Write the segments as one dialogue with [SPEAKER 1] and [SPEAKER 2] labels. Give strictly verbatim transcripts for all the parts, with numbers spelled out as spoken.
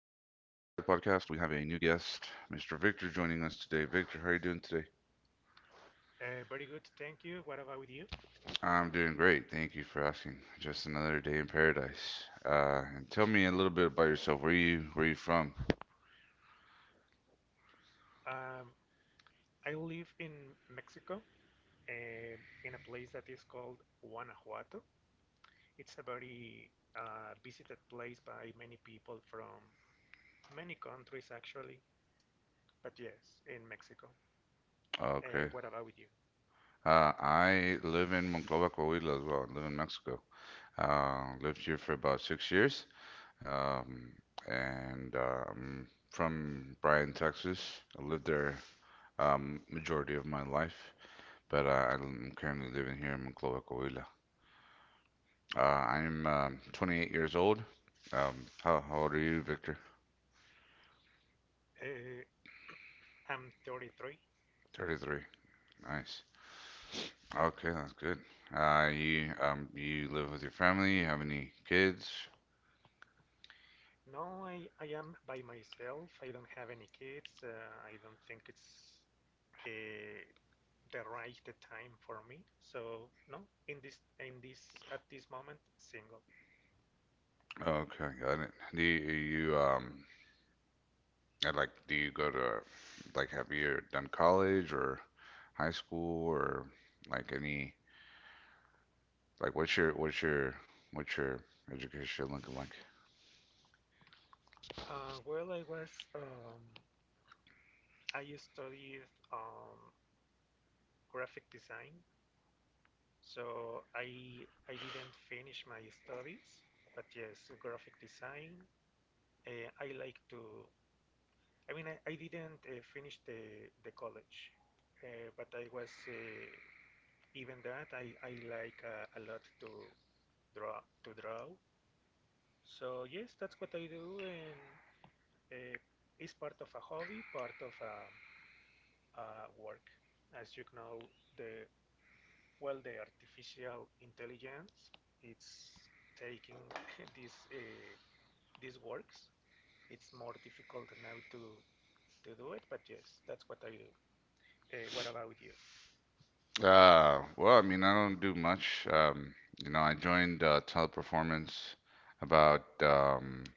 [SPEAKER 1] podcast. We have a new guest, mister Victor, joining us today. Victor, how are you doing today?
[SPEAKER 2] Uh, very good, thank you. What about with you?
[SPEAKER 1] I'm doing great. Thank you for asking. Just another day in paradise. Uh, and tell me a little bit about yourself. Where you where you from?
[SPEAKER 2] Um, I live in Mexico, uh, in a place that is called Guanajuato. It's a very uh, visited place by many people from many countries, actually. But yes, in Mexico. Uh,
[SPEAKER 1] Okay.
[SPEAKER 2] what about with you?
[SPEAKER 1] Uh, I live in Monclova, Coahuila as well. I live in Mexico. Uh, lived here for about six years. Um, and uh, I'm from Bryan, Texas. I lived there um, majority of my life. but uh, I'm currently living here in Monclova, Coahuila. Uh, I'm um, twenty-eight years old. Um, how, how old are you, Victor?
[SPEAKER 2] Uh, I'm thirty-three.
[SPEAKER 1] thirty-three. Nice. Okay, that's good. Uh, you um, you live with your family? You have any kids?
[SPEAKER 2] No, I, I am by myself. I don't have any kids. Uh, I don't think it's uh, the right the time for me. So no, in this in this at this moment single.
[SPEAKER 1] Okay, got it. Do you, you um and, like do you go to like have you done college or high school or like any like what's your what's your what's your education looking like?
[SPEAKER 2] Uh, well, I was um, I studied um, graphic design, so I I didn't finish my studies, but yes, graphic design. Uh, I like to. I mean, I, I didn't uh, finish the the college, uh, but I was uh, even that I I like uh, a lot to draw to draw. So yes, that's what I do, and uh, it's part of a hobby, part of a, a work. As you know, the well, the artificial intelligence, it's taking these uh, these works. It's more difficult now to to do it, but yes, that's what I do. Uh, what about you?
[SPEAKER 1] Uh, well, I mean, I don't do much. Um, you know, I joined uh, Teleperformance about um,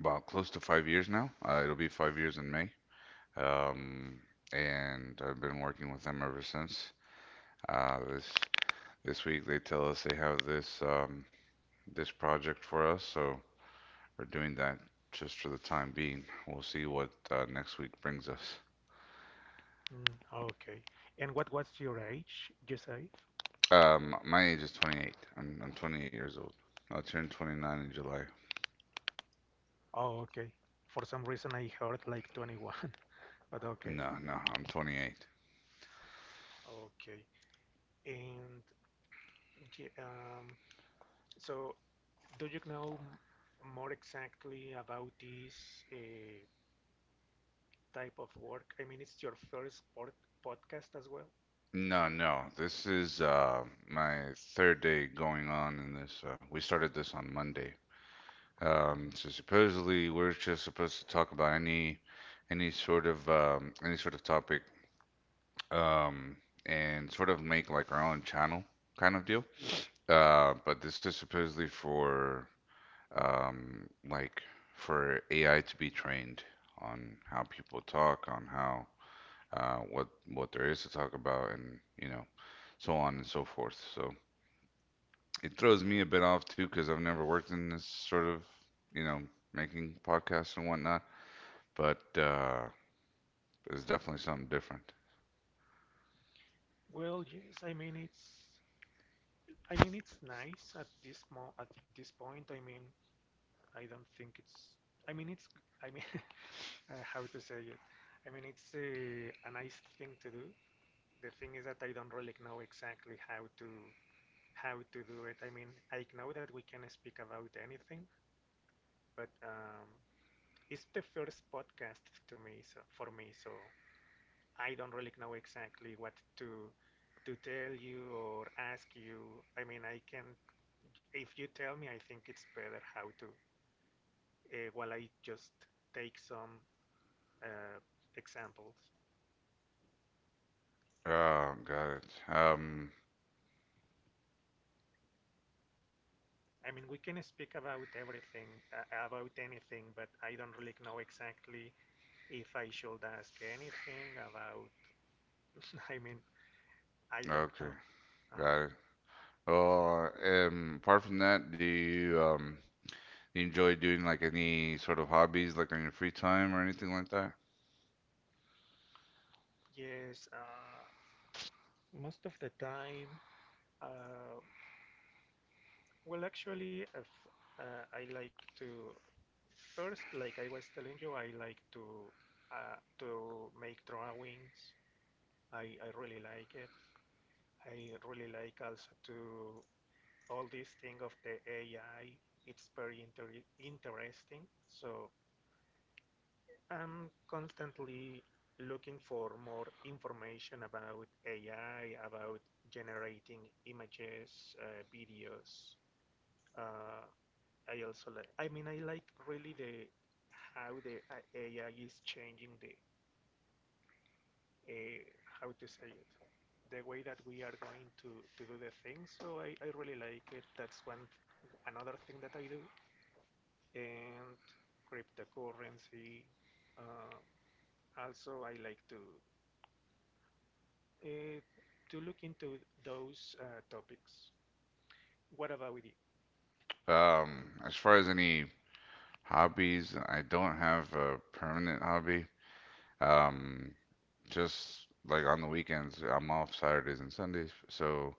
[SPEAKER 1] about close to five years now. Uh, it'll be five years in May. Um, and I've been working with them ever since. Uh, this this week they tell us they have this um, this project for us, so we're doing that just for the time being. We'll see what uh, next week brings us.
[SPEAKER 2] Mm, okay. And what was your age, you say?
[SPEAKER 1] Um, my age is twenty-eight. I'm I'm twenty-eight years old. I turned twenty-nine in July.
[SPEAKER 2] Oh, okay. For some reason I heard like twenty-one, but okay.
[SPEAKER 1] No, no, I'm twenty-eight.
[SPEAKER 2] Okay. And Um, so, do you know m- more exactly about this uh, type of work? I mean, it's your first pod podcast as well.
[SPEAKER 1] No, no, this is uh, my third day going on in this. Uh, we started this on Monday. Um,
[SPEAKER 2] Mhm.
[SPEAKER 1] so supposedly we're just supposed to talk about any any sort of um, any sort of topic, um, and sort of make like our own channel kind of deal. Uh, but this is supposedly for um, like for A I to be trained on how people talk, on how uh, what what there is to talk about, and you know so on and so forth. So it throws me a bit off too because I've never worked in this sort of, you know, making podcasts and whatnot. But uh, it's definitely something different.
[SPEAKER 2] Well, yes, I mean it's I mean it's nice at this mo at this point. I mean, I don't think it's I mean it's I mean uh, how to say it. I mean it's uh, a nice thing to do. The thing is that I don't really know exactly how to how to do it. I mean, I know that we can speak about anything, but um, it's the first podcast to me, so for me, so I don't really know exactly what to to tell you or ask you. I mean, I can if you tell me, I think it's better how to uh, while I just take some uh, examples.
[SPEAKER 1] Oh, got it. Um,
[SPEAKER 2] I mean, we can speak about everything, uh, about anything, but I don't really know exactly if I should ask anything about. I mean, I don't
[SPEAKER 1] okay,
[SPEAKER 2] know. Uh-huh.
[SPEAKER 1] got it. Oh, um, apart from that, do you um you enjoy doing like any sort of hobbies like on your free time or anything like that?
[SPEAKER 2] Yes. Uh, Most of the time, uh, well, actually, if, uh, I like to first, like I was telling you, I like to uh, to make drawings. I, I really like it. I really like also to all this thing of the A I. It's very inter interesting. So I'm constantly looking for more information about A I, about generating images, uh, videos. Uh, I also like. I mean, I like really the how the A- AI is changing the uh, how to say it, the way that we are going to to do the things. So I I really like it. That's one another thing that I do and cryptocurrency. Uh, Also, I like to uh, to look into those uh, topics. What about you?
[SPEAKER 1] Um, as far as any hobbies, I don't have a permanent hobby. Um, just like on the weekends, I'm off Saturdays and Sundays, so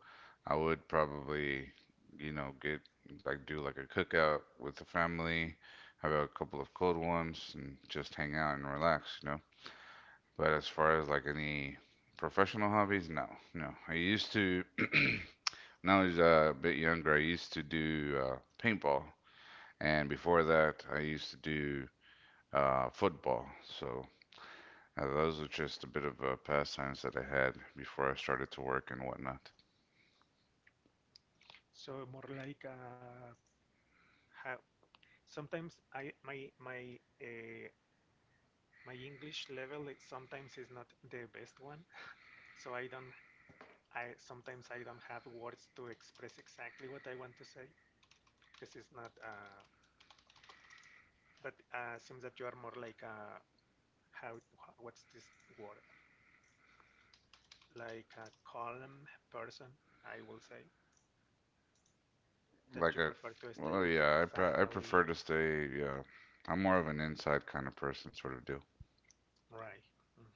[SPEAKER 1] I would probably, you know, get like do like a cookout with the family, have a couple of cold ones, and just hang out and relax, you know. But as far as like any professional hobbies, no, no. I used to, when I was uh, a bit younger, I used to do uh, paintball, and before that, I used to do uh, football. So uh, those are just a bit of uh, pastimes that I had before I started to work and whatnot.
[SPEAKER 2] So more like uh, how sometimes I my my uh, my English level it sometimes is not the best one, so I don't I sometimes I don't have words to express exactly what I want to say because it's not uh but uh seems that you are more like uh how what's this word? like a calm person, I will say, that you
[SPEAKER 1] Like I,
[SPEAKER 2] prefer to stay
[SPEAKER 1] well,
[SPEAKER 2] with your
[SPEAKER 1] yeah, I pre- I
[SPEAKER 2] family
[SPEAKER 1] prefer
[SPEAKER 2] and
[SPEAKER 1] to stay. Yeah, I'm more of an inside kind of person, sort of do.
[SPEAKER 2] right. Hmm.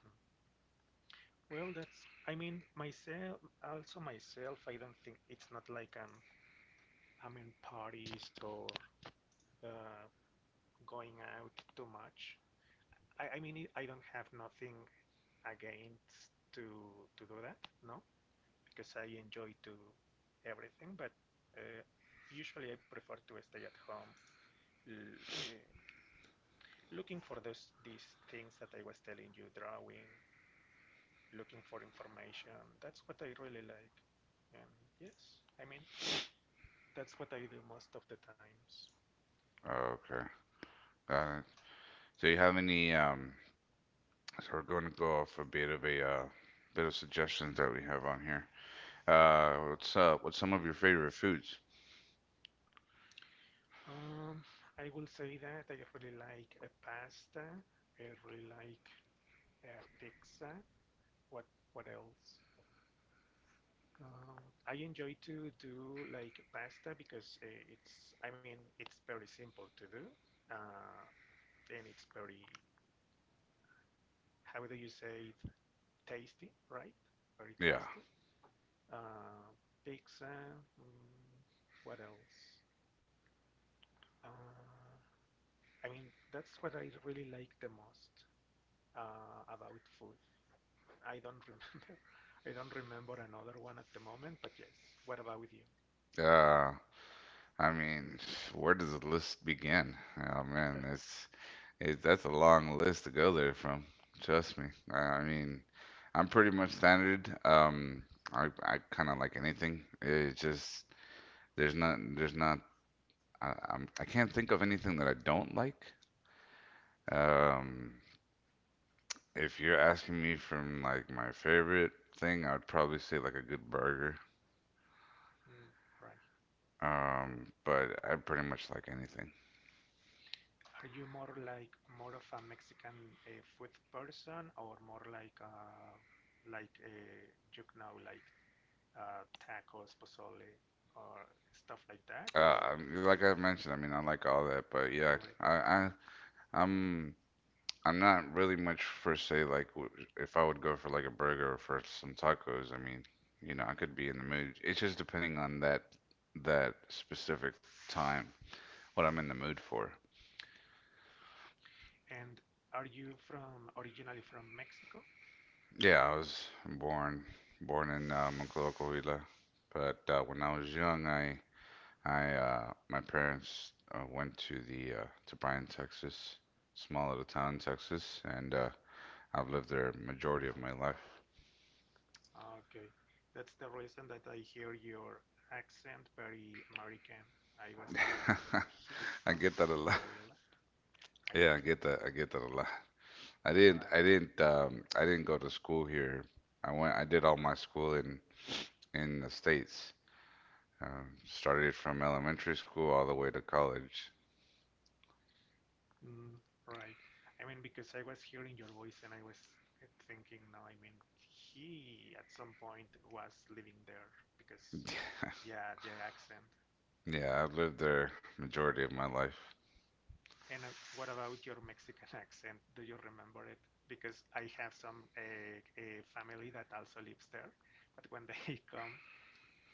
[SPEAKER 2] Well, that's I mean myself also myself I don't think it's not like I'm I'm in parties or uh, going out too much. I, I mean, I don't have nothing against to to do that, no, because I enjoy to everything, but uh, usually I prefer to stay at home, l- uh, looking for those these things that I was telling you, drawing, looking for information. That's what I really like, and yes, I mean, that's what I do most of the times.
[SPEAKER 1] Oh, okay. Uh, so you have any? Um, so we're going to go off a bit of a uh, bit of suggestions that we have on here. Uh, what's up? What's some of your favorite foods?
[SPEAKER 2] Um, I will say that I really like a pasta. I really like uh, pizza. What what else? Um, I enjoy to do like pasta because uh, it's I mean it's very simple to do, uh, and it's very how do you say it? Tasty, right? Very
[SPEAKER 1] Yeah.
[SPEAKER 2] tasty. Uh, Pizza. Mm, what else? Uh, I mean that's what I really like the most uh, about food. I don't remember. I don't remember another one at the moment, but yes. What about you?
[SPEAKER 1] Uh, I mean, where does the list begin? Oh man, it's It, that's a long list to go there from. Trust me. I I mean, I'm pretty much standard. Um, I I kind of like anything. It's just there's not there's not I, I'm I can't think of anything that I don't like. Um, if you're asking me from like my favorite thing, I'd probably say like a good burger.
[SPEAKER 2] Mm. Right.
[SPEAKER 1] Um, but I pretty much like anything.
[SPEAKER 2] Are you more like more of a Mexican uh, food person or more like uh like uh you know like uh tacos, pozole or stuff like that
[SPEAKER 1] Uh,
[SPEAKER 2] or
[SPEAKER 1] I- like I've mentioned, I mean, I like all that, but yeah,
[SPEAKER 2] everything?
[SPEAKER 1] I I I'm I'm not really much for say like w- if I would go for like a burger or for some tacos. I mean, you know, I could be in the mood. It's just depending on that that specific time, what I'm
[SPEAKER 2] Hmm.
[SPEAKER 1] in the mood for.
[SPEAKER 2] And are you from originally from Mexico?
[SPEAKER 1] Yeah, I was born born in uh, Monclova, but uh, when I was young, I I uh, my parents uh, went to the uh, to Bryan, Texas, small little town in Texas, and uh, I've lived there majority of my life.
[SPEAKER 2] Okay. That's the reason that I hear your accent very American. I was thinking he's from
[SPEAKER 1] I get that a lot.
[SPEAKER 2] Coahuila. I
[SPEAKER 1] Yeah,
[SPEAKER 2] don't
[SPEAKER 1] I
[SPEAKER 2] think
[SPEAKER 1] get
[SPEAKER 2] so.
[SPEAKER 1] that. I get that a lot. I didn't.
[SPEAKER 2] Right.
[SPEAKER 1] I didn't. Um, I didn't go to school here. I went. I did all my school in in the States. Um, started from elementary school all the way to college.
[SPEAKER 2] Mm, right. I mean, because I was hearing your voice and I was uh, thinking, no, I mean, he at some point was living there because, yeah, the accent.
[SPEAKER 1] Yeah, I've lived there majority of my life.
[SPEAKER 2] And uh, what about your Mexican accent? Do you remember it? Because I have some uh, a family that also lives there, but when they come,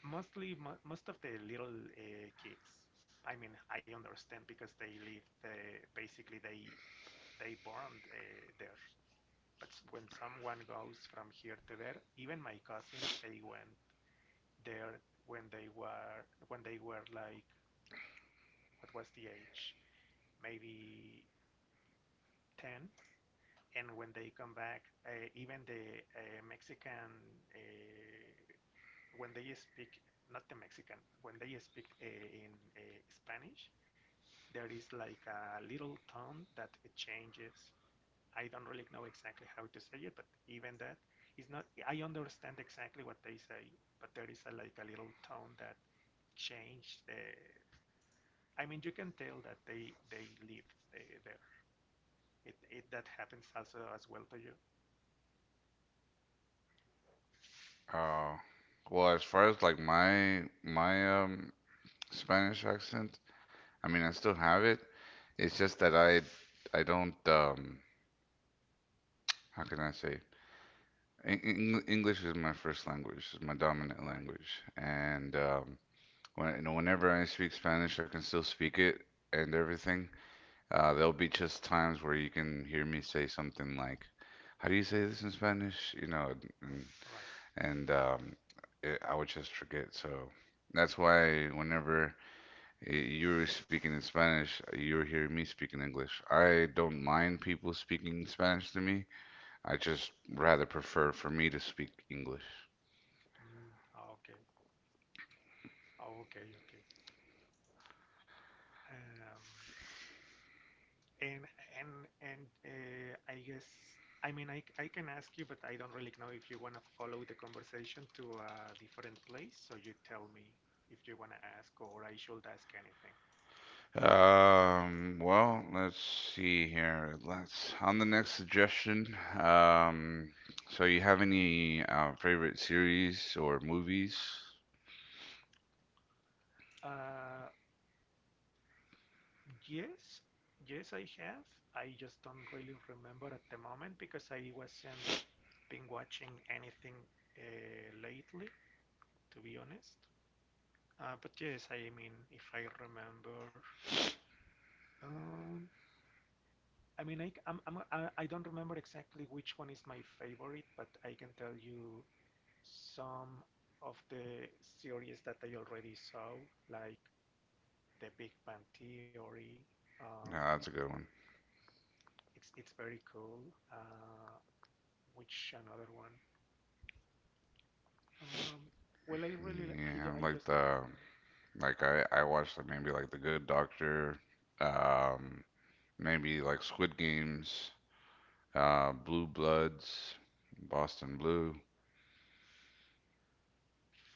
[SPEAKER 2] mostly mo most of the little uh, kids. I mean, I understand because they live, uh, basically they they born uh, there. But when someone goes from here to there, even my cousins, they went there when they were when they were like what was the age? Maybe ten. And when they come back, uh, even the uh, Mexican, uh, when they speak, not the Mexican, when they speak uh, in uh, Spanish, there is like a little tone that it changes. I don't really know exactly how to say it, but even that is not. I understand exactly what they say, but there is a, like a little tone that changed. The, I mean, you can tell that they they lived uh, there. It, it that happens also as well to you,
[SPEAKER 1] Uh, well, as far as like my my um Spanish accent, I mean, I still have it. It's just that I I don't, um how can I say? Eng- Eng- English is my first language, is my dominant
[SPEAKER 2] right?
[SPEAKER 1] language, and um, When, you know, whenever I speak Spanish, I can still speak it and everything. Uh, there'll be just times where you can hear me say something like, "How do you say this in Spanish?" You know, and,
[SPEAKER 2] Right.
[SPEAKER 1] and um, it, I would just forget. So that's why whenever y- you were speaking in Spanish, you were hearing me speaking English. I don't mind people speaking Spanish to me. I just rather prefer for me to speak English.
[SPEAKER 2] Mm, okay. Okay. Okay. Um, And and and uh, I guess I mean I, I can ask you, but I don't really know if you want to follow the conversation to a different place. So you tell me if you want to ask or I should ask anything.
[SPEAKER 1] Um, well, let's see here. Let's on the next suggestion. Um, so you have any uh, favorite series or movies?
[SPEAKER 2] Uh, yes, yes, I have. I just don't really remember at the moment because I wasn't been watching anything uh, lately, to be honest. Uh, but yes, I mean, if I remember, um, I mean I am I, c- I'm, I'm, I I don't remember exactly which one is my favorite, but I can tell you some of the series that I already saw, like The Big Bang Theory.
[SPEAKER 1] No,
[SPEAKER 2] Um,
[SPEAKER 1] that's a good one.
[SPEAKER 2] it's it's very cool. Uh, which another one? Um, well, I really I
[SPEAKER 1] Yeah,
[SPEAKER 2] I
[SPEAKER 1] like
[SPEAKER 2] just don't
[SPEAKER 1] the
[SPEAKER 2] remember.
[SPEAKER 1] like
[SPEAKER 2] Uh,
[SPEAKER 1] I I watched like maybe like The Good Doctor, um, maybe like Squid Games, uh, Blue Bloods, Boston Blue.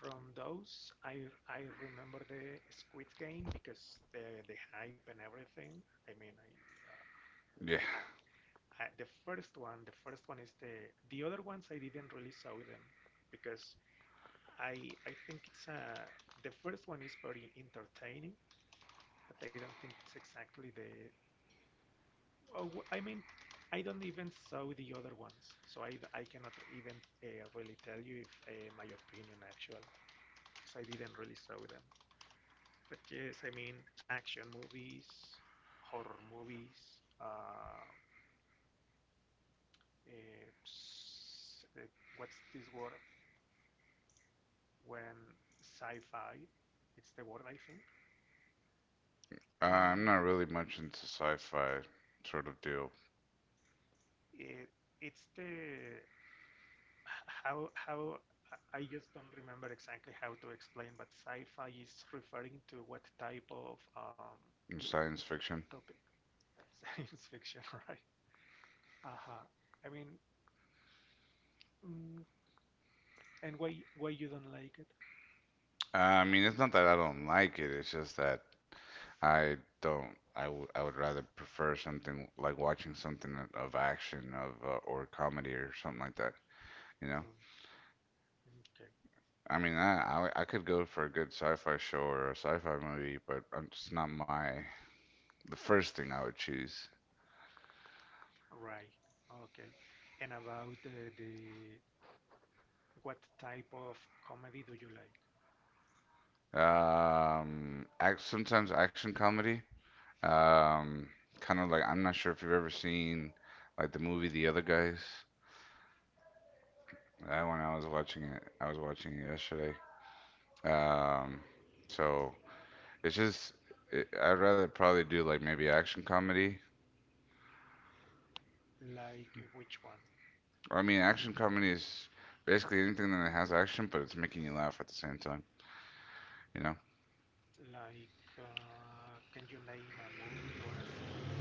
[SPEAKER 2] from those, I I remember the Squid Game because the the hype and everything. I mean, I
[SPEAKER 1] Yeah,
[SPEAKER 2] Uh, the first one, the first one is the the other ones I didn't really saw them because I I think it's a. The first one is very entertaining, but I don't think it's exactly the oh, I mean I don't even saw the other ones, so I I cannot even uh, really tell you if uh, my opinion actually because I didn't really saw them. But yes, I mean action movies, horror movies, uh, uh, uh, what's this word? When sci-fi, it's the word I think.
[SPEAKER 1] uh, I'm
[SPEAKER 2] Um,
[SPEAKER 1] not really much into sci-fi sort of deal,
[SPEAKER 2] it, it's the how how I- I just don't remember exactly how to explain, but sci-fi is referring to what type of um,
[SPEAKER 1] science fiction.
[SPEAKER 2] topic? Science fiction, right? Uh-huh. I mean, mm, and why why you don't like it?
[SPEAKER 1] I mean, it's not that I don't like it. It's just that I don't. I would. I would rather prefer something like watching something of action of uh, or comedy or something like that. You know.
[SPEAKER 2] Mm, okay,
[SPEAKER 1] I mean, I, I I could go for a good sci-fi show or a sci-fi movie, but I'm just not my the first thing I would choose.
[SPEAKER 2] right. Okay. And about uh, the what type of comedy do you like?
[SPEAKER 1] Um, act, sometimes action comedy. Um, Kind of like I'm not sure if you've ever seen like the movie The Other Guys. That one I was watching it. I was watching it yesterday. Um, so it's just it, I'd rather probably do like maybe action comedy.
[SPEAKER 2] Like uh, which one?
[SPEAKER 1] I mean, action comedy is basically anything that has action, but it's making you laugh at the same time. You know?
[SPEAKER 2] Like, uh, can you name a movie or a series?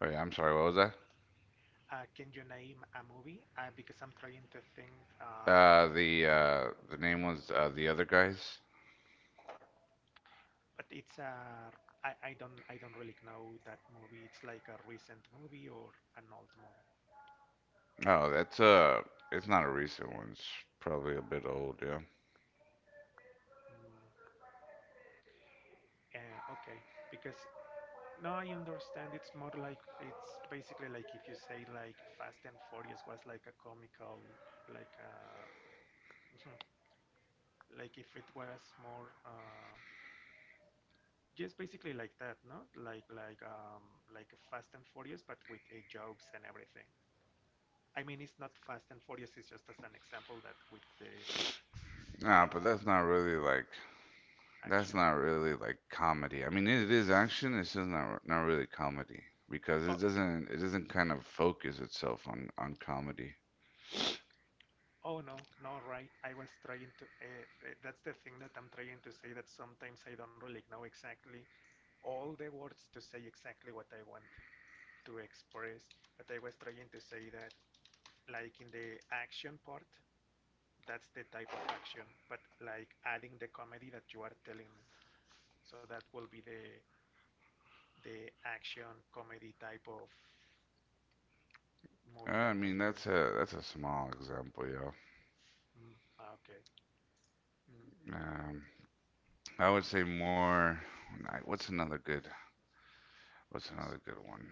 [SPEAKER 1] Oh yeah, I'm sorry. What was that?
[SPEAKER 2] Uh, can you name a movie? Uh, because I'm trying to think, uh,
[SPEAKER 1] Uh, the uh, the name was uh, the other guys.
[SPEAKER 2] but it's a, I, I don't, I don't really know that movie. It's like a recent movie or an old movie.
[SPEAKER 1] Oh, that's uh, it's not a recent one. It's probably a bit old. Yeah.
[SPEAKER 2] Mm, uh, okay, because now I understand it's more like, it's basically like if you say like Fast and Furious was like a comical, like uh like if it was more, uh, just basically like that, no? Like like um like Fast and Furious, but with uh, jokes and everything. I mean, it's not Fast and Furious. It's just as an example that with the
[SPEAKER 1] Nah, but
[SPEAKER 2] uh,
[SPEAKER 1] that's not really like That's
[SPEAKER 2] action.
[SPEAKER 1] not really like comedy. I mean, it is action. It's just not not really comedy because
[SPEAKER 2] Oh
[SPEAKER 1] it doesn't it doesn't kind of focus itself on on comedy.
[SPEAKER 2] oh no no right. I was trying to. Uh, uh, that's the thing that I'm trying to say. That sometimes I don't really know exactly all the words to say exactly what I want to express. But I was trying to say that like in the action part, that's the type of action. But like adding the comedy that you are telling me, so that will be the the action comedy type of
[SPEAKER 1] Uh,
[SPEAKER 2] movie
[SPEAKER 1] I
[SPEAKER 2] that
[SPEAKER 1] mean,
[SPEAKER 2] maybe you
[SPEAKER 1] that's
[SPEAKER 2] like.
[SPEAKER 1] a that's a small example, yo.
[SPEAKER 2] mm, okay. Mm.
[SPEAKER 1] Um, I would say more. I- What's another good? What's
[SPEAKER 2] s-
[SPEAKER 1] another good one?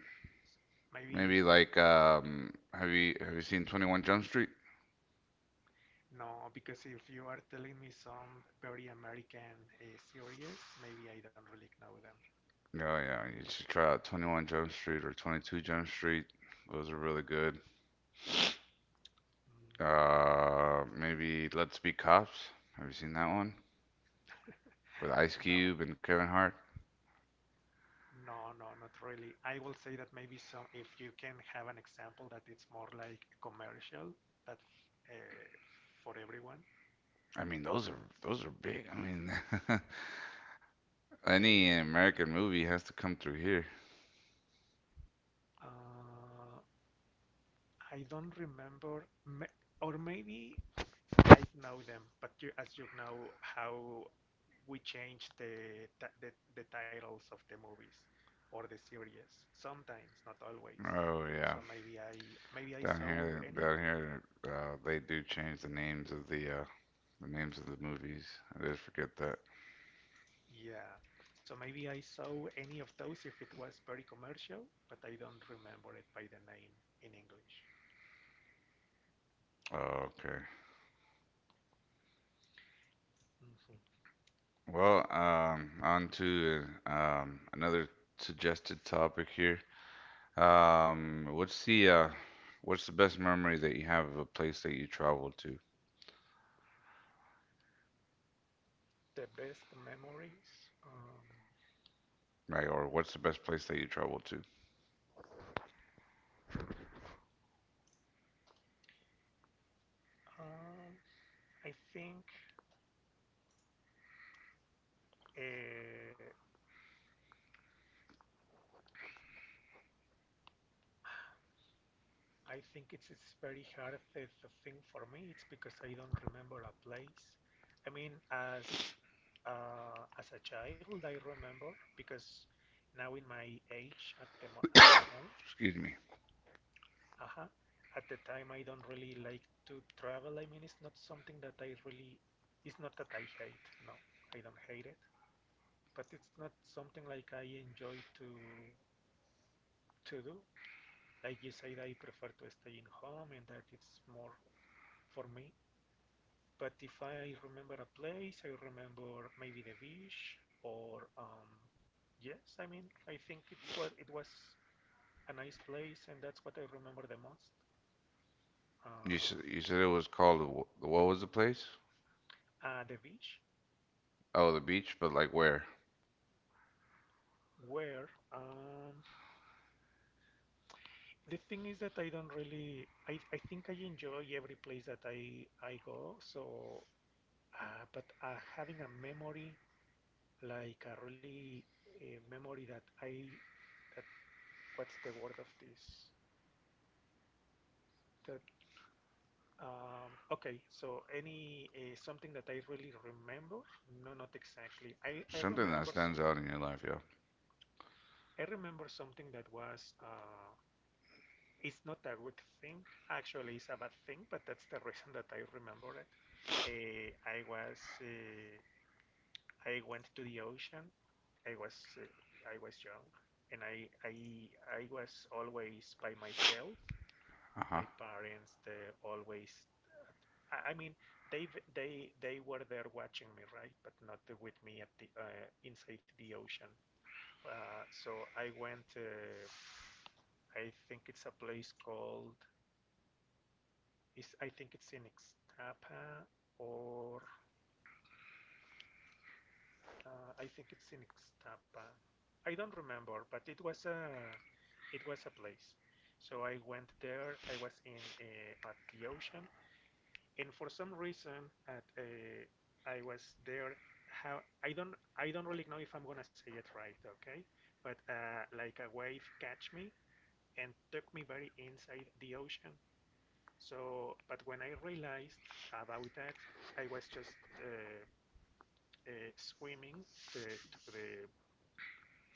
[SPEAKER 2] s- maybe
[SPEAKER 1] Maybe
[SPEAKER 2] uh,
[SPEAKER 1] like um, have you have you seen twenty-one Jump Street?
[SPEAKER 2] No, because if you are telling me some very American uh, series, maybe I don't really know them.
[SPEAKER 1] No, yeah, you should try out twenty-one Jump Street or twenty-two Jump Street. Those are really good.
[SPEAKER 2] Mm.
[SPEAKER 1] Uh, maybe Let's Be Cops. Have you seen that one? With Ice
[SPEAKER 2] No,
[SPEAKER 1] Cube and Kevin Hart.
[SPEAKER 2] no, no, not really. I will say that maybe some, if you can have an example that it's more like commercial, that uh, for everyone.
[SPEAKER 1] I mean, those are those are big. I mean,
[SPEAKER 2] Uh,
[SPEAKER 1] any American movie has to come through here.
[SPEAKER 2] uh, I don't remember, ma- or maybe I know them, but you, as you know, how we change the, ti- the the titles of the movies or the series. Sometimes, not always.
[SPEAKER 1] Oh yeah,
[SPEAKER 2] So maybe I maybe I
[SPEAKER 1] down
[SPEAKER 2] saw
[SPEAKER 1] here,
[SPEAKER 2] any.
[SPEAKER 1] down here, uh, they do change the names of the uh, the names of the movies. I just forget that.
[SPEAKER 2] Yeah. So maybe I saw any of those if it was very commercial, but I don't remember it by the name in English.
[SPEAKER 1] Oh, okay.
[SPEAKER 2] Mhm.
[SPEAKER 1] Well, um, on to um, another suggested topic here. Um, what's the uh, what's the best memory that you have of a place that you traveled to,
[SPEAKER 2] The best memories. Um,
[SPEAKER 1] right? Or what's the best place that you traveled to?
[SPEAKER 2] uh, I think. Uh, I think it's it's very hard if it's thing for me. It's because I don't remember a place. I mean, as uh, as a child, I remember because now in my age at the at the time,
[SPEAKER 1] Excuse me.
[SPEAKER 2] uh at the time I don't really like to travel. I mean, it's not something that I really. It's not that I hate. No, I don't hate it. But it's not something like I enjoy to to do. Like you said, I prefer to stay in home, and that it's more for me. But if I remember a place, I remember maybe the beach, or um, yes, I mean, I think it's what it was a nice place, and that's what I remember the most.
[SPEAKER 1] You
[SPEAKER 2] Uh,
[SPEAKER 1] said you said it was called the wh- what was the place?
[SPEAKER 2] uh, the beach.
[SPEAKER 1] Oh, the beach, but like where?
[SPEAKER 2] Where um, the thing is that I don't really, I, I think I enjoy every place that I I go. So, uh, but uh, having a memory, like a really a memory that I, that, what's the word of this? That. Um, okay, so any uh, something that I really remember? No, not exactly. I, I
[SPEAKER 1] Something that
[SPEAKER 2] remember
[SPEAKER 1] stands
[SPEAKER 2] something.
[SPEAKER 1] out in your life, yo.
[SPEAKER 2] I remember something that was, uh, it's not a good thing. Actually, it's a bad thing, but that's the reason that I remember it. Uh, I was, uh, I went to the ocean. I was, uh, I was young, and I, I, I was always by myself.
[SPEAKER 1] Uh huh.
[SPEAKER 2] My parents, they always I I mean, they they they were there watching me, right? But not uh, with me at the uh, inside the ocean. Uh, so I went. Uh, I think it's a place called. Is I think it's in Ixtapa, or uh, I think it's in Ixtapa. I don't remember, but it was a it was a place. So I went there. I was in uh, at the ocean, and for some reason at uh, I was there. How I don't I don't really know if I'm gonna say it right, okay, but uh, like a wave catch me and took me very inside the ocean, so but when I realized about that I was just uh, uh, swimming to to the,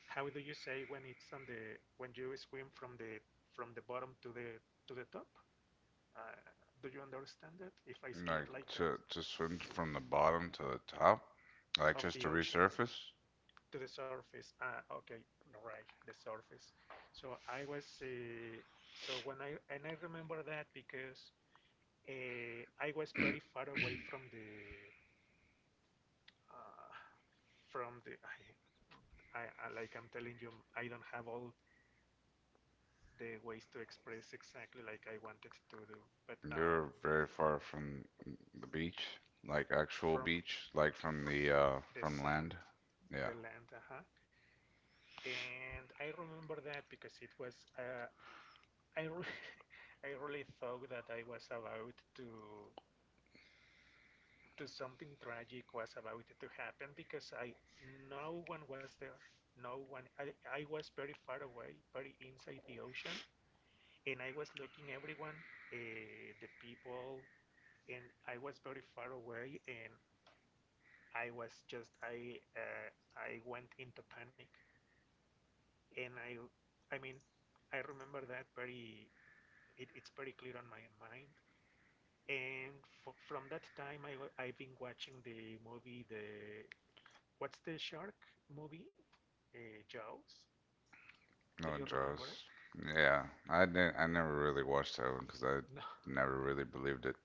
[SPEAKER 2] how do you say, when it's on the, when you swim from the from the bottom to the to the top, uh, do you understand it if I say
[SPEAKER 1] Like
[SPEAKER 2] it like that?
[SPEAKER 1] to to swim from the bottom to the top, like
[SPEAKER 2] Of
[SPEAKER 1] just
[SPEAKER 2] the
[SPEAKER 1] to
[SPEAKER 2] ocean
[SPEAKER 1] resurface.
[SPEAKER 2] to the surface. Ah, okay, right, the surface. So I was uh, so when I And I remember that because uh, I was very far away from the uh, from the I, I, I, like I'm telling you, I don't have all the ways to express exactly like I wanted to do, but um,
[SPEAKER 1] You're very far from the beach, like actual
[SPEAKER 2] from
[SPEAKER 1] beach, like from the uh
[SPEAKER 2] the
[SPEAKER 1] from
[SPEAKER 2] sand,
[SPEAKER 1] land. Yeah,
[SPEAKER 2] the land, uh-huh. And I remember that because it was uh, I re- I really thought that I was about to to something tragic was about to happen, because I no one was there. No one. I, I was very far away, very inside the ocean, and I was looking everyone, uh, the people, and I was very far away, and I was just I uh, I went into panic, and I I mean I remember that very. It, it's very clear on my mind. And f from that time, I, I've been watching the movie, the, what's the shark movie? Uh, Jaws.
[SPEAKER 1] no
[SPEAKER 2] Do
[SPEAKER 1] one
[SPEAKER 2] you remember it?
[SPEAKER 1] Jaws. Yeah, I didn't. I never really watched that one because I never really believed it.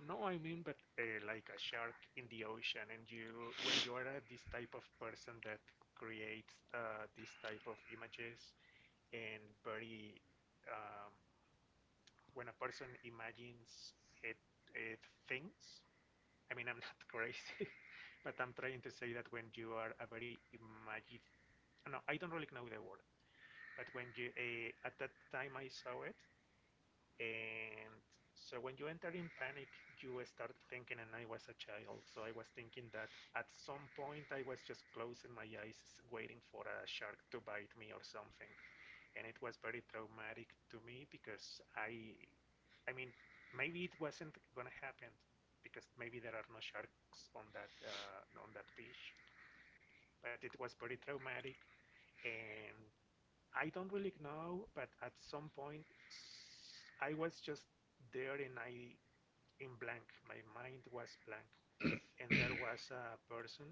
[SPEAKER 2] No, no, I mean, but uh, like a shark in the ocean, and you, when you are uh, this type of person that creates uh, this type of images, and very, um, when a person imagines it, it things. I mean, I'm not crazy, but I'm trying to say that when you are a very imaginative, no, I don't really know the word, but when you uh, at that time I saw it, and so when you enter in panic, you start thinking, and I was a child, so I was thinking that at some point I was just closing my eyes, waiting for a shark to bite me or something, and it was very traumatic to me, because I, I mean, maybe it wasn't gonna happen, because maybe there are no sharks on that uh, on that beach, but it was very traumatic, and I don't really know, but at some point I was just there, and I in blank. My mind was blank, and there was a person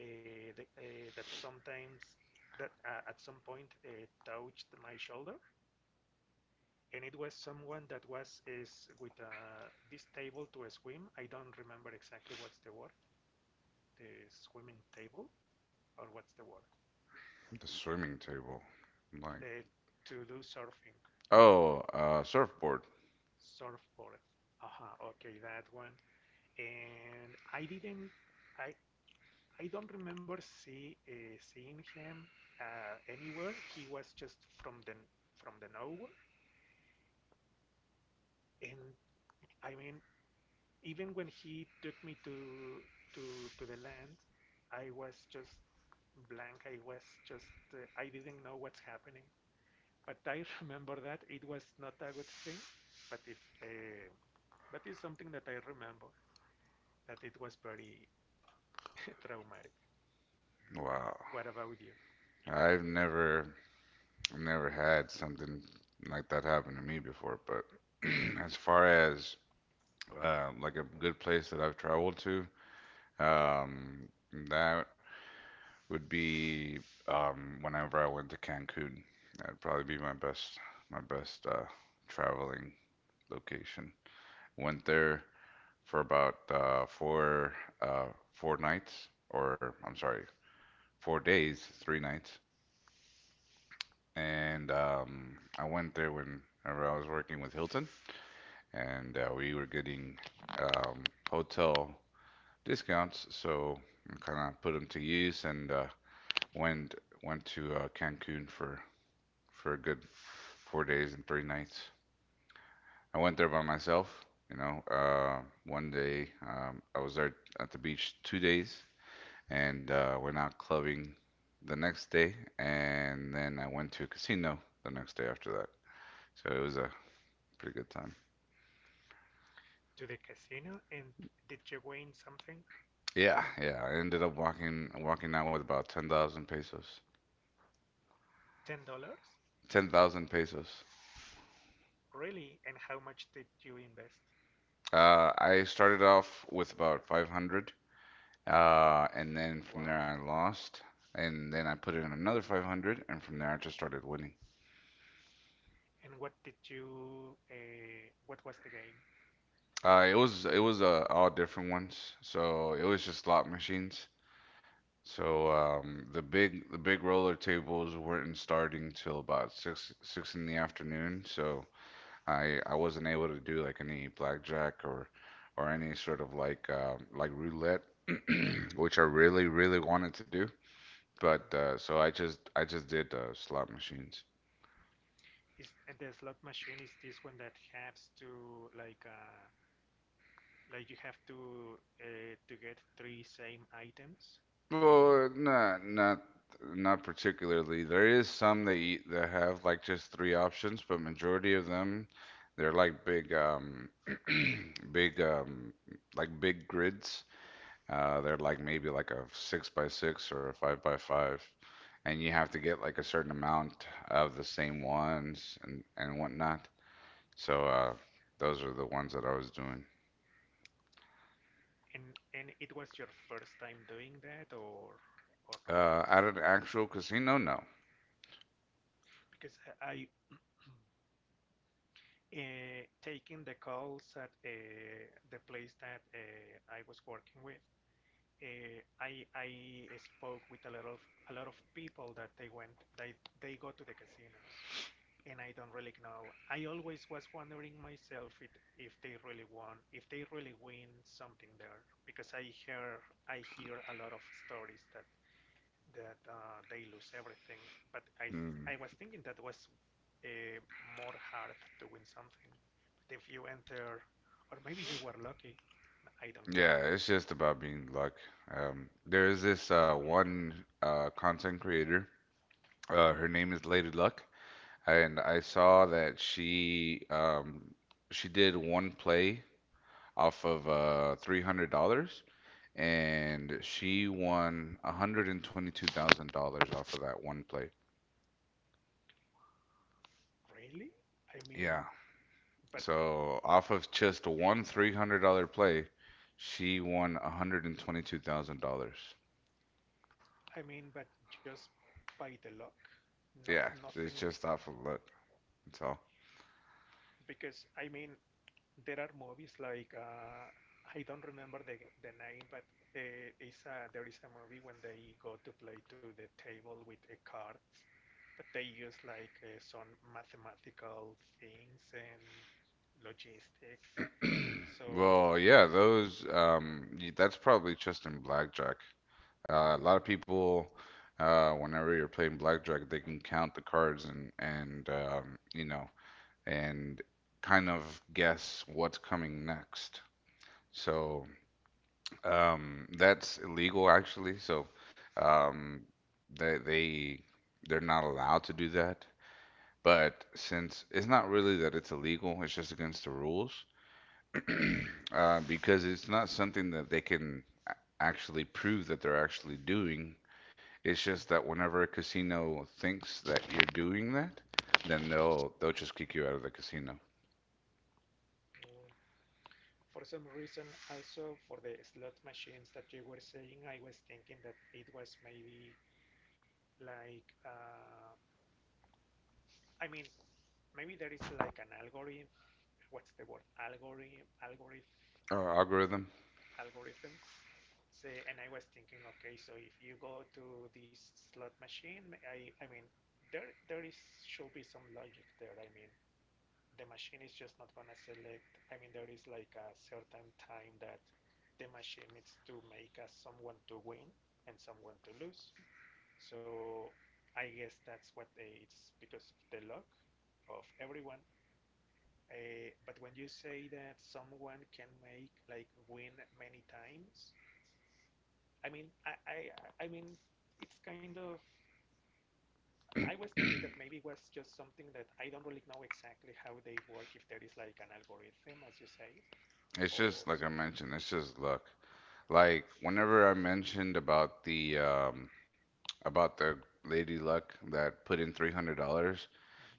[SPEAKER 2] uh, that, uh, that sometimes that uh, at some point uh, touched my shoulder, and it was someone that was is with uh, this table to a swim. I don't remember exactly what's the word, the swimming table, or what's the word,
[SPEAKER 1] The swimming table, like
[SPEAKER 2] the to do surfing.
[SPEAKER 1] oh, uh, surfboard.
[SPEAKER 2] Surfboard. Aha, uh-huh, okay, that one. And I didn't I I don't remember see uh, seeing him uh, anywhere. He was just from the from the nowhere, and I mean even when he took me to to to the land, I was just blank. I was just uh, I didn't know what's happening. But I remember that it was not a good thing. But if uh, But it's something that I remember that it was very traumatic.
[SPEAKER 1] Wow.
[SPEAKER 2] What about you?
[SPEAKER 1] I've never never had something like that happen to me before, but as far as uh, like a good place that I've traveled to, um, that would be um, whenever I went to Cancun. That'd probably be my best my best uh, traveling location. Went there for about uh, four uh, four nights, or I'm sorry, four days, three nights. and um, I went there whenever I was working with Hilton, and uh, we were getting um, hotel discounts, so I kind of put them to use, and uh, went went to uh, Cancun for for a good four days and three nights. I went there by myself. You know, uh, one day um, I was there at the beach two days, and uh, went out clubbing the next day, and then I went to a casino the next day after that. So it was a pretty good time.
[SPEAKER 2] "To the casino, and did you win something?"
[SPEAKER 1] Yeah, yeah. I ended up walking walking out with about ten thousand pesos.
[SPEAKER 2] "Ten dollars."
[SPEAKER 1] Ten thousand pesos.
[SPEAKER 2] "Really, and how much did you invest?"
[SPEAKER 1] Uh, I started off with about five hundred, uh, and then from there
[SPEAKER 2] "Wow!
[SPEAKER 1] I lost, and then I put in another five hundred, and from there I just started winning.
[SPEAKER 2] And what did you uh, what was the game?"
[SPEAKER 1] Uh, it was it was uh, all different ones, so it was just slot machines. So um, the big the big roller tables weren't starting till about six six in the afternoon. So I I wasn't able to do like any blackjack or or any sort of like um, like roulette, which I really really wanted to do.
[SPEAKER 2] Mhm.
[SPEAKER 1] But uh, so I just I just did uh, slot machines.
[SPEAKER 2] Is And the slot machine is this one that has to, like uh like, you have to uh, to get three same items, three.
[SPEAKER 1] Well, not not not particularly. There is some that eat, that have like just three options, but majority of them they're like big um big um like big grids. Uh, they're like maybe like a six by six or a five by five, and you have to get like a certain amount of the same ones and and whatnot. So uh, those are the ones that I was doing.
[SPEAKER 2] And and it was your first time doing that, or or no?
[SPEAKER 1] Uh, at an actual casino, no.
[SPEAKER 2] Because I- uh, taking the calls at uh, the place that uh, I was working with. Uh, I, I spoke with a lot of a lot of people that they went they they go to the casinos, and I don't really know. I always was wondering myself if, if they really won, if they really win something there, because I hear I hear a lot of stories that that uh, they lose everything. But I th-
[SPEAKER 1] Mm.
[SPEAKER 2] I was thinking that was uh, more hard to win something. But if you enter, or maybe you were lucky, I don't know.
[SPEAKER 1] Yeah, it's just about being luck. Um, there is this uh, one uh, content creator. Uh,
[SPEAKER 2] Mhm.
[SPEAKER 1] her name is Lady Luck, and I saw that she um, she did one play off of uh, three hundred dollars, and she won one hundred twenty two thousand dollars off of that one play.
[SPEAKER 2] Really? I mean,
[SPEAKER 1] Yeah.
[SPEAKER 2] but
[SPEAKER 1] So off of just one three hundred dollars play, she won one hundred twenty two thousand dollars.
[SPEAKER 2] I mean, but just by the luck, not
[SPEAKER 1] Yeah, it's
[SPEAKER 2] nothing.
[SPEAKER 1] just off of luck. That's all.
[SPEAKER 2] Because I mean, there are movies like uh, I don't remember the the name, but uh, it's a, there is a movie when they go to play to the table with the cards, but they use like uh, some mathematical things and logistic. So
[SPEAKER 1] Well, yeah, those um y- that's probably just in blackjack.
[SPEAKER 2] mm,
[SPEAKER 1] Uh, a lot of
[SPEAKER 2] mm,
[SPEAKER 1] people uh whenever you're playing blackjack, they can count the cards and and um you know, and kind of guess what's coming next. So um, that's illegal, actually. So um, they they they're not allowed to do that. But since it's not really that it's illegal, it's just against the rules uh, because it's not something that they can a- actually prove that they're actually doing. It's just that whenever a casino thinks that you're doing that, then they'll they'll just kick you out of the casino.
[SPEAKER 2] for some reason, also for the slot machines that you were saying, I was thinking that it was maybe like uh, I mean maybe there is like an algorithm. What's the word? Algorithm, algorithm,
[SPEAKER 1] Our algorithm.
[SPEAKER 2] algorithm. Say And I was thinking, okay, so if you go to this slot machine, I, I mean, there there is should be some logic there. I mean, the machine is just not gonna select. I mean, there is like a certain time that the machine needs to make us someone to win and someone to lose. So I guess that's what they, it's because of the luck of everyone. Uh, but when you say that someone can make like win many times, I mean, I, I, I mean, it's kind of. I was thinking that maybe it was just something that I don't really know exactly how they work. If there is like an algorithm, as you say,
[SPEAKER 1] It's
[SPEAKER 2] or
[SPEAKER 1] just like I
[SPEAKER 2] something.
[SPEAKER 1] mentioned, it's just luck. Like whenever I mentioned about the um about the lady luck that put in three hundred dollars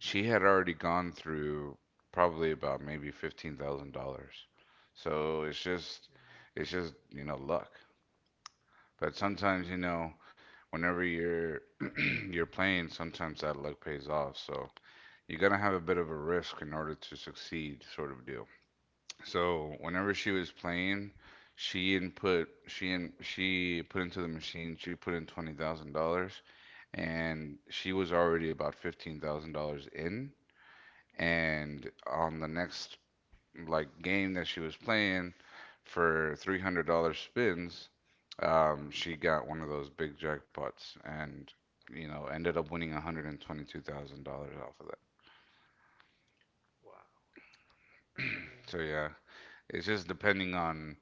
[SPEAKER 1] she had already gone through probably about maybe fifteen thousand dollars. So it's just it's just, you know, luck. But
[SPEAKER 2] Mm-hmm.
[SPEAKER 1] sometimes, you know, whenever you're you're playing, sometimes that luck pays off. So you got to have a bit of a risk in order to succeed, sort of. So whenever she was playing, she input she in, she put into the machine, she put in twenty thousand dollars, and she was already about fifteen thousand dollars in. And on the next like game that she was playing for three hundred dollars spins, um, she got one of those big jackpots and you know ended up winning one hundred twenty two thousand dollars off of that.
[SPEAKER 2] Wow. I mean,
[SPEAKER 1] So yeah, it's just depending on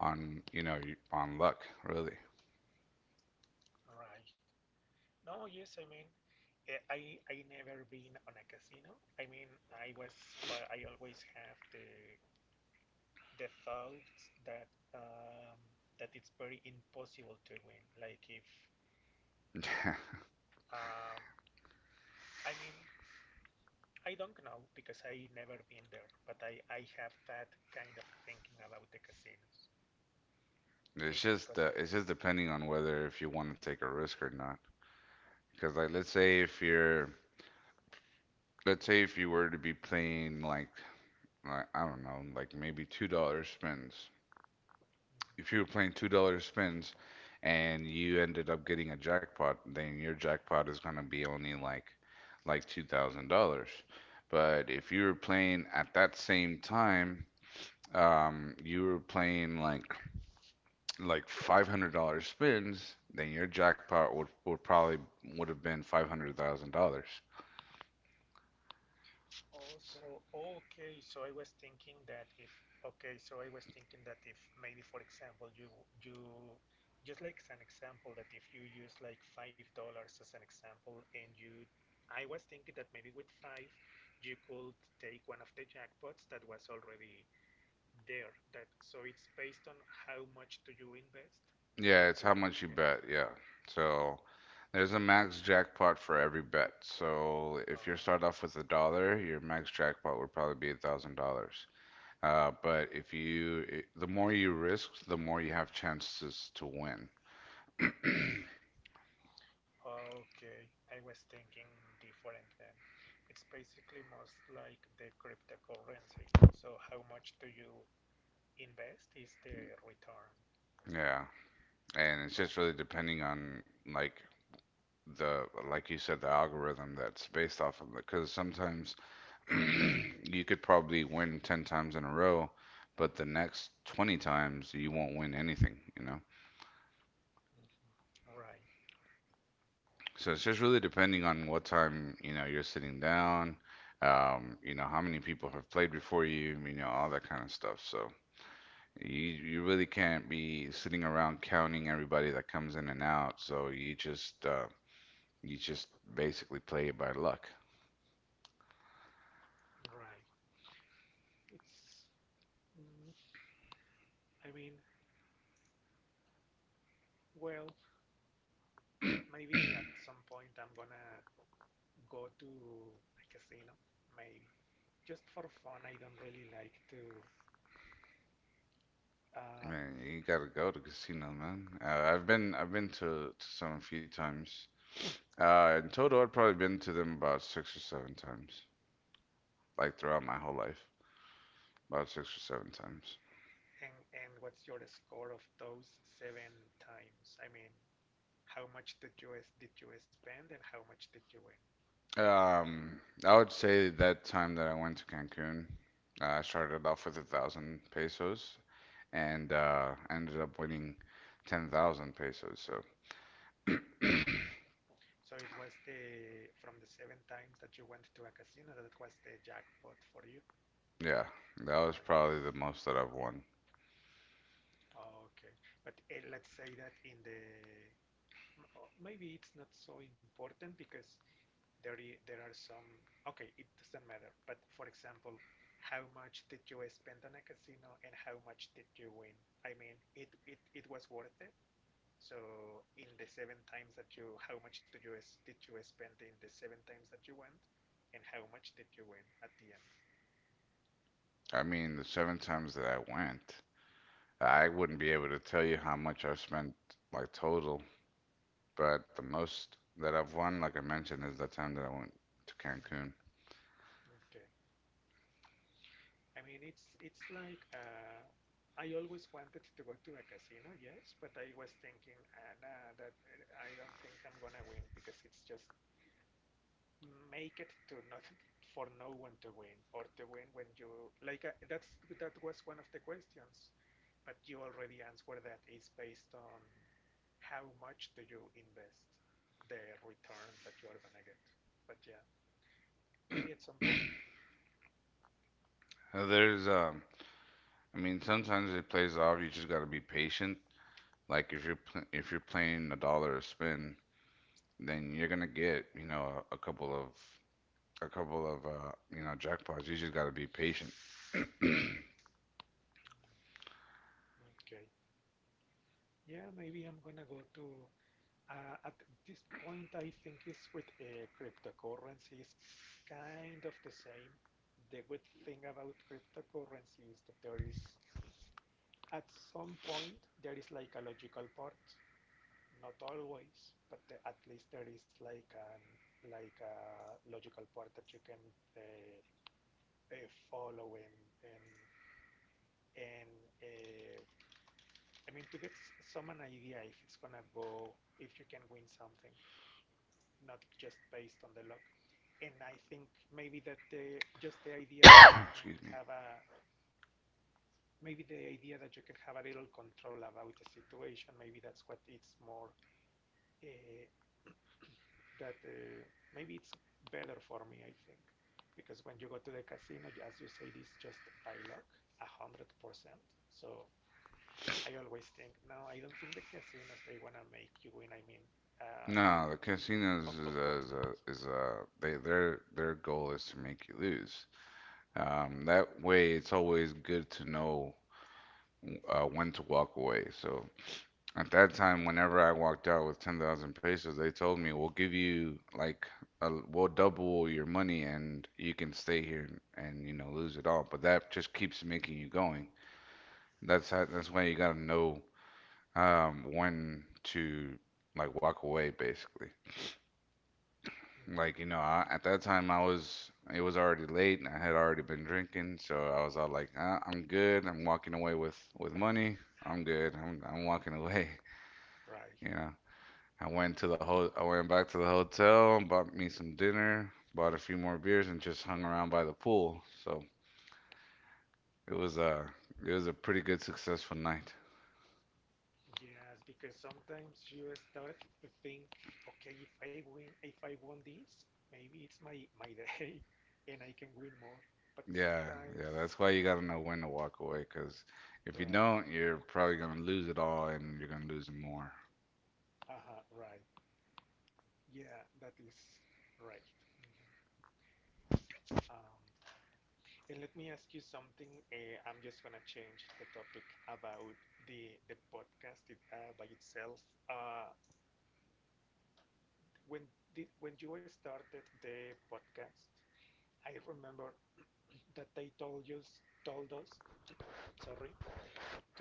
[SPEAKER 1] on you know y- on luck really.
[SPEAKER 2] right. No, yes. I mean, eh, I I never been on a casino. I mean, I was. Uh, I always have the the thoughts that um, that it's very impossible to win. Like if um, I mean, I don't know because I never been there, but I, I have that kind of thinking about the casinos.
[SPEAKER 1] It's
[SPEAKER 2] Maybe
[SPEAKER 1] just
[SPEAKER 2] because
[SPEAKER 1] uh,
[SPEAKER 2] of the.
[SPEAKER 1] it's just depending on whether if you want to take a risk or not. Because like let's say if you're let's say if you were to be playing like like I don't know, like maybe two dollar spins. If you
[SPEAKER 2] Mm-hmm.
[SPEAKER 1] were playing two dollar spins and you ended up getting a jackpot, then your jackpot is gonna be only like like two thousand dollars. But if you were playing at that same time, um, you were playing like like five hundred dollar spins, then your jackpot would would probably would have been five hundred thousand dollars.
[SPEAKER 2] Also, okay, so I was thinking that if, okay, so I was thinking that if maybe for example you you just like as an example that if you use like five dollars as an example, and you I was thinking that maybe with five you could take one of the jackpots that was already there, that so it's based on how much do you invest
[SPEAKER 1] Yeah,
[SPEAKER 2] what
[SPEAKER 1] it's
[SPEAKER 2] you
[SPEAKER 1] how
[SPEAKER 2] are
[SPEAKER 1] much
[SPEAKER 2] gonna
[SPEAKER 1] you
[SPEAKER 2] get.
[SPEAKER 1] bet. Yeah. So there's a max jackpot for every bet. So if you
[SPEAKER 2] uh,
[SPEAKER 1] start off with a dollar, your max jackpot would probably be a thousand dollars. Uh, but if you, i- the more you risk, the more you have chances to win.
[SPEAKER 2] okay, I was thinking different then. It's basically most like the cryptocurrency, so how much do you invest is the return.
[SPEAKER 1] Yeah, and it's
[SPEAKER 2] Right.
[SPEAKER 1] just really depending on like the, like you said, the algorithm that's based off of it. Because sometimes you could probably win ten times in a row, but the next twenty times you won't win anything, you know?
[SPEAKER 2] Mhm. right
[SPEAKER 1] So it's just really depending on what time, you know, you're sitting down, um, you know, how many people have played before you, you know, all that kind of stuff. So you, you really can't be sitting around counting everybody that comes in and out. So you just, uh, you just basically play it by luck.
[SPEAKER 2] right it's mm, I mean well Maybe at some point I'm gonna go to a casino, maybe. Just for fun, I don't really like to. Uh,
[SPEAKER 1] Man, you gotta go to casino, man. Uh, I've been I've been to, to some a few times. Uh, in total, I've probably been to them about six or seven times, like throughout my whole life, about six or seven times.
[SPEAKER 2] and and what's your score of those seven times? I mean, how much did you s- did you spend and how much did you win?
[SPEAKER 1] Um, I would say that time that I went to Cancun, uh, I started off with a thousand pesos and uh, ended up winning ten thousand pesos. So
[SPEAKER 2] So it was the from the seven times that you went to a casino, that was the jackpot for you,
[SPEAKER 1] yeah, that
[SPEAKER 2] right?
[SPEAKER 1] was probably the most that I've won.
[SPEAKER 2] Okay, but uh, let's say that in the uh, maybe it's not so important because there, there are some, okay, it doesn't matter, but for example, how much did you spend on a casino and how much did you win? I mean, it, it, it was worth it. So in the seven times that you, how much did you did you spend in the seven times that you went, and how much did you win at the end?
[SPEAKER 1] I mean, the seven times that I went, I wouldn't be able to tell you how much I've spent like total. But the most that I've won, like I mentioned, is that time that I went to Cancun.
[SPEAKER 2] Mm-hmm. Okay. I mean, it's it's like uh, I always wanted to go to a casino, yes, but I was thinking, ah, nah, that uh, I don't think I'm gonna win because it's just make it to not for no one to win or to win when you like uh, that's that was one of the questions but you already answered that is based on how much do you invest the return that you are gonna get but yeah maybe at some point.
[SPEAKER 1] Uh, There's, um, I mean, sometimes it plays off. You just gotta be patient. Like if you're pl if you're playing a dollar a spin, then you're gonna get, you know, a, a couple of a couple of uh, you know, jackpots. You just gotta be patient.
[SPEAKER 2] Okay, yeah, maybe I'm gonna go to uh, at this point I think is with uh, cryptocurrencies kind of the same. The good thing about cryptocurrency is that there is at some point there is like a logical part, not always, but the, at least there is like an like a logical part that you can uh, uh, follow, and and and uh, I mean to get some an idea if it's gonna go, if you can win something not just based on the luck. And I think maybe that the just the idea that you can
[SPEAKER 1] Excuse me.
[SPEAKER 2] have a maybe the idea that you can have a little control about the situation, maybe that's what it's more uh, that uh, maybe it's better for me, I think, because when you go to the casino, as you say, it's just by luck, a hundred percent. So I always think, no, I don't think the casinos they wanna make you win. I mean, uh,
[SPEAKER 1] No, the
[SPEAKER 2] of
[SPEAKER 1] casinos
[SPEAKER 2] of
[SPEAKER 1] is a,
[SPEAKER 2] course not,
[SPEAKER 1] is a, is a they their their goal is to make you lose.
[SPEAKER 2] right?
[SPEAKER 1] Um, that way, it's always good to know uh, when to walk away. So at that time, whenever I walked out with ten thousand pesos, they told me, we'll give you like, a, we'll double your money and you can stay here and, and you know, lose it all. But that just keeps making you going. That's how, that's why you gotta know um, when to like walk away, basically.
[SPEAKER 2] Mm.
[SPEAKER 1] Like, you know, I, at that time I was, it was already late and I had already been drinking, so I was all like, ah, I'm good. I'm walking away with with money. I'm good. I'm I'm walking away.
[SPEAKER 2] Right.
[SPEAKER 1] You know, I went to the ho- I went back to the hotel, bought me some dinner, bought a few more beers, and just hung around by the pool. So it was a it was a pretty good successful night.
[SPEAKER 2] Yes, because sometimes you start to think, okay, if I win, if I won this, maybe it's my my day, and I can win more. But
[SPEAKER 1] Yeah,
[SPEAKER 2] sometimes,
[SPEAKER 1] yeah, that's why you gotta know when to walk away, 'cause if you
[SPEAKER 2] right,
[SPEAKER 1] don't, you're probably gonna lose it all, and you're gonna lose it more.
[SPEAKER 2] uh-huh, right. Yeah, that is right. Mhm. Um, and let me ask you something. Uh, I'm just gonna change the topic about the the podcast it, uh, by itself. Uh, when did when you started the podcast, I remember that they told you told us, sorry, to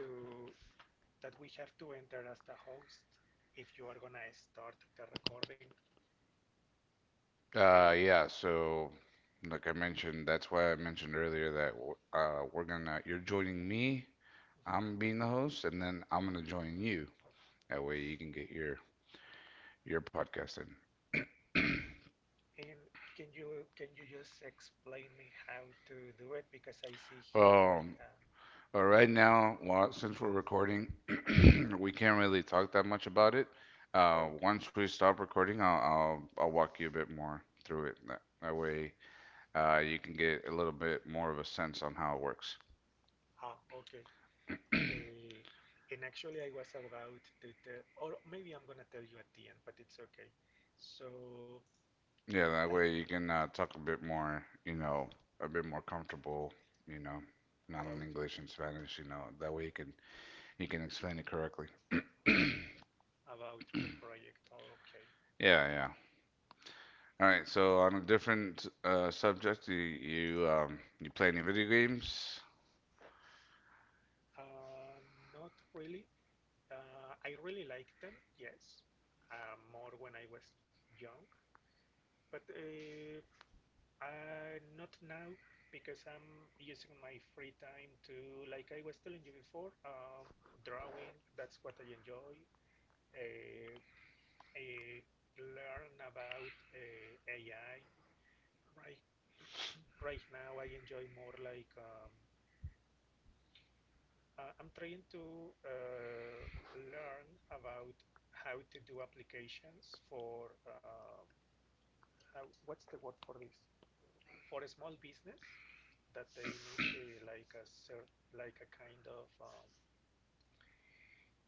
[SPEAKER 2] that we have to enter as the host if you are gonna start the recording. Uh,
[SPEAKER 1] Uh, yeah, so like I mentioned, that's why I mentioned earlier that w- uh, we're gonna, you're joining me,
[SPEAKER 2] Mhm.
[SPEAKER 1] I'm being the host, and then I'm gonna join you. That way you can get your your podcast in.
[SPEAKER 2] And can you can you just explain me how to do it? Because I see here like,
[SPEAKER 1] Um,
[SPEAKER 2] uh,
[SPEAKER 1] uh, right now, well, since we're recording, we can't really talk that much about it.
[SPEAKER 2] oh,
[SPEAKER 1] Uh,
[SPEAKER 2] okay,
[SPEAKER 1] once we stop recording, I'll, I'll I'll walk you a bit more through it. That, that way, uh, you can get a little bit more of a sense on how it works.
[SPEAKER 2] ah, okay. eh, and actually, I was about to tell, or maybe I'm gonna tell you at the end, but it's okay. So
[SPEAKER 1] Yeah,
[SPEAKER 2] I
[SPEAKER 1] that way you can uh, talk a bit more, you know, a bit more comfortable, you know, not
[SPEAKER 2] about
[SPEAKER 1] in English and Spanish, you know. That way you can you can explain it correctly.
[SPEAKER 2] about the project. Oh, okay,
[SPEAKER 1] Yeah, yeah. All right,
[SPEAKER 2] okay.
[SPEAKER 1] so on a different uh, subject, you you, um, you play any video games?
[SPEAKER 2] Uh, not really. Uh, I really like them. Yes, uh, more when I was young, but. Uh, Uh, not now because I'm using my free time to, like I was telling you before, um, drawing. That's what I enjoy. Uh, uh, learn about uh, A I. Right, right now I enjoy more like um, uh, I'm trying to uh, learn about how to do applications for uh, how, what's the word for this? For a small business that they need a, like a cert, like a kind of um,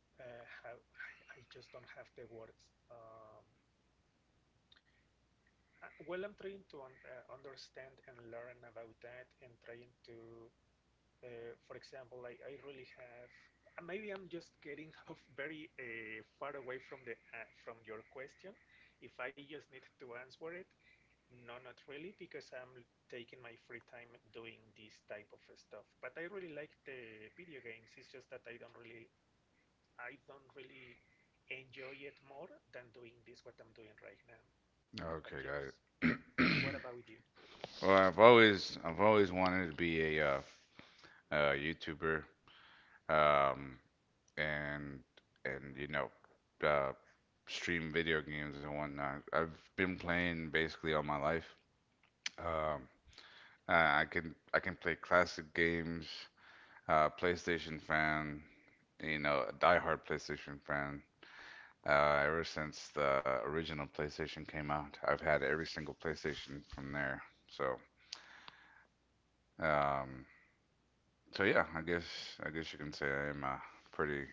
[SPEAKER 2] uh, have, I, I just don't have the words. Um, uh, well, I'm trying to un- uh, understand and learn about that, and trying to, uh, for example, like I really have. uh, Maybe I'm just getting off very uh, far away from the uh, from your question. If I just need to answer it, no, not really, because I'm taking my free time doing this type of stuff. But I really like the video games. It's just that I don't really, I don't really enjoy it more than doing this what I'm doing right now. But
[SPEAKER 1] Okay,
[SPEAKER 2] yes,
[SPEAKER 1] got it.
[SPEAKER 2] what about you?
[SPEAKER 1] Well, I've always I've always wanted to be a uh, uh, YouTuber, um, and and you know, uh, stream video games and whatnot. I've been playing basically all my life.
[SPEAKER 2] Mhm.
[SPEAKER 1] Um, I I can I can play classic games. Uh, PlayStation fan, you know, a diehard PlayStation fan. Uh, ever since the original PlayStation came out, I've had every single PlayStation from there. So, um, so yeah, I guess I guess you can say I am a pretty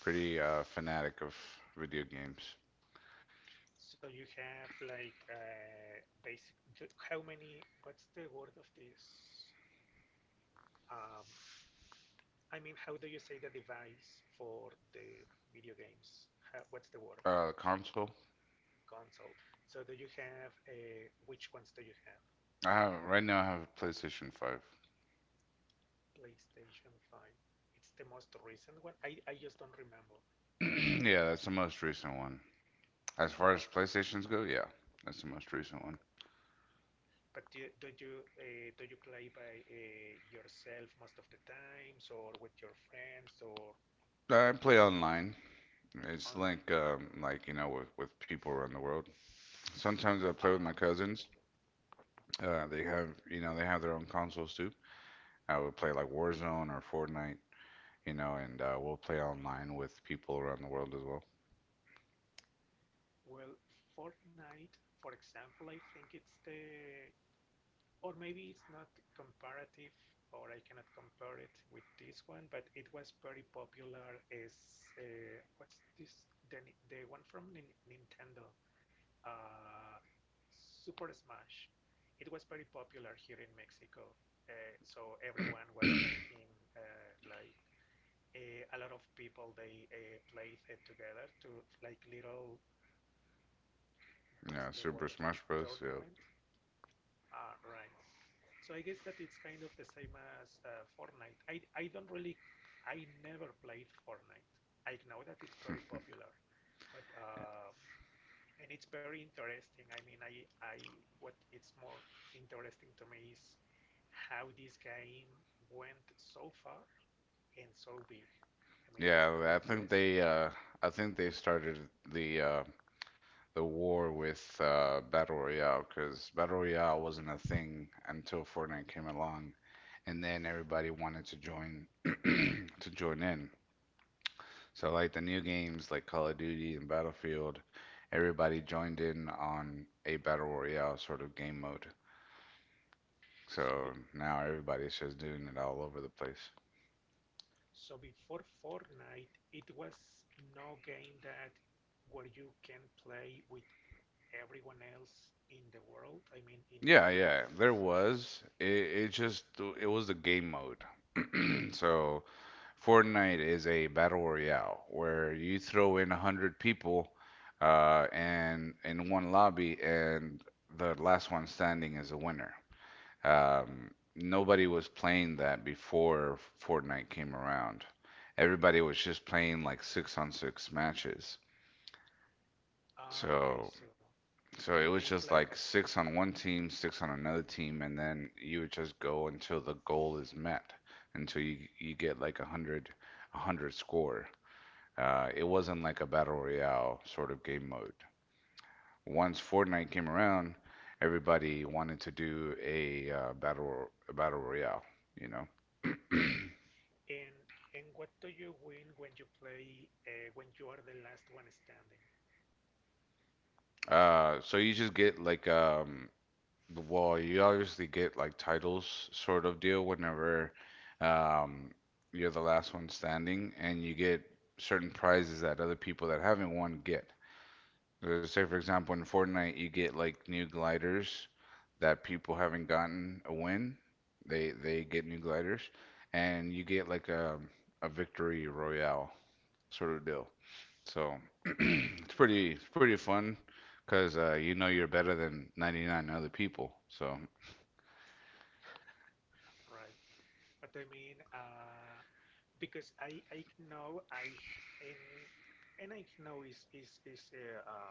[SPEAKER 1] pretty uh, fanatic of video games.
[SPEAKER 2] So you have like uh, basic. d- How many? What's the word of this? Um, I mean, how do you say the device for the video games? How, what's the word?
[SPEAKER 1] Uh, console.
[SPEAKER 2] Console. So do you have a which ones do you have?
[SPEAKER 1] I have right now. I have a PlayStation
[SPEAKER 2] PlayStation five. It's the most recent one. I, I just don't remember.
[SPEAKER 1] five. Yeah, that's the most recent one. As
[SPEAKER 2] Oh,
[SPEAKER 1] far as
[SPEAKER 2] okay.
[SPEAKER 1] PlayStations go, yeah, that's the most recent one.
[SPEAKER 2] But do, do you uh, do you play by uh, yourself most of the times, or with your friends, or what
[SPEAKER 1] I
[SPEAKER 2] do you do
[SPEAKER 1] play online. It's
[SPEAKER 2] online?
[SPEAKER 1] like um, like you know with with people around the world. Sometimes
[SPEAKER 2] Uh,
[SPEAKER 1] I play with my cousins. Uh, they have, you know, they have their own consoles too. I would play like Warzone or Fortnite, you know, and uh, we'll play online with people around the world as well.
[SPEAKER 2] well, Fortnite, for example, I think it's the or maybe it's not comparative or I cannot compare it with this one, but it was very popular as uh, what's this the, the one from Nin- Nintendo uh, Super Smash. It was very popular here in Mexico, uh, so everyone was making uh, like a, a lot of people they uh, played it together to like little what's the
[SPEAKER 1] Yeah,
[SPEAKER 2] word of
[SPEAKER 1] Super
[SPEAKER 2] this
[SPEAKER 1] Smash Bros.
[SPEAKER 2] tournament?
[SPEAKER 1] Yep.
[SPEAKER 2] Uh, right. So I guess that it's kind of the same as uh, Fortnite. I, I don't really, I never played Fortnite. I know that it's very popular, but uh, and it's very interesting. I mean, I, I what it's more interesting to me is how this game went so far and so big. I mean, it's very
[SPEAKER 1] Yeah, I think
[SPEAKER 2] impressive.
[SPEAKER 1] they, uh, I think they started the uh, the war with uh, Battle Royale, because Battle Royale wasn't a thing until Fortnite came along, and then everybody wanted to join to join in. So like the new games like Call of Duty and Battlefield, everybody joined in on a battle royale sort of game mode.
[SPEAKER 2] So
[SPEAKER 1] So now everybody's just doing it all over the place.
[SPEAKER 2] So before Fortnite, it was no game that where you can play with everyone else in the world. I mean, in from
[SPEAKER 1] Yeah,
[SPEAKER 2] any
[SPEAKER 1] yeah,
[SPEAKER 2] place.
[SPEAKER 1] there was. It, it just it was a game mode. So Fortnite is a battle royale where you throw in a hundred people, uh, and in one lobby, and the last one standing is a winner. Um, Nobody was playing that before Fortnite came around. Everybody was just playing like six on six matches.
[SPEAKER 2] Ah, okay,
[SPEAKER 1] So,
[SPEAKER 2] so they
[SPEAKER 1] so it
[SPEAKER 2] make
[SPEAKER 1] was
[SPEAKER 2] like
[SPEAKER 1] just
[SPEAKER 2] a
[SPEAKER 1] like six on one team, six on another team, and then you would just go until the goal is met, until you you get like a hundred, a hundred score. Uh, it
[SPEAKER 2] mhm,
[SPEAKER 1] wasn't like a battle royale sort of game mode. Once
[SPEAKER 2] right.
[SPEAKER 1] Fortnite came around, everybody wanted to do a uh, battle a battle royale, you know.
[SPEAKER 2] And and what do you win when you play uh, when you are the last one standing,
[SPEAKER 1] Uh, so you just get like um, well, you obviously get like titles sort of deal whenever um you're the last one standing, and you get certain prizes that other people that haven't won get. So say for example in Fortnite you get like new gliders that people haven't gotten a win. They they get new gliders, and you get like a a victory royale sort of deal. So it's pretty it's pretty fun because uh, you know, you're better than ninety-nine other people. So
[SPEAKER 2] right? But I mean, uh, because I I know I and and I know is is is uh, um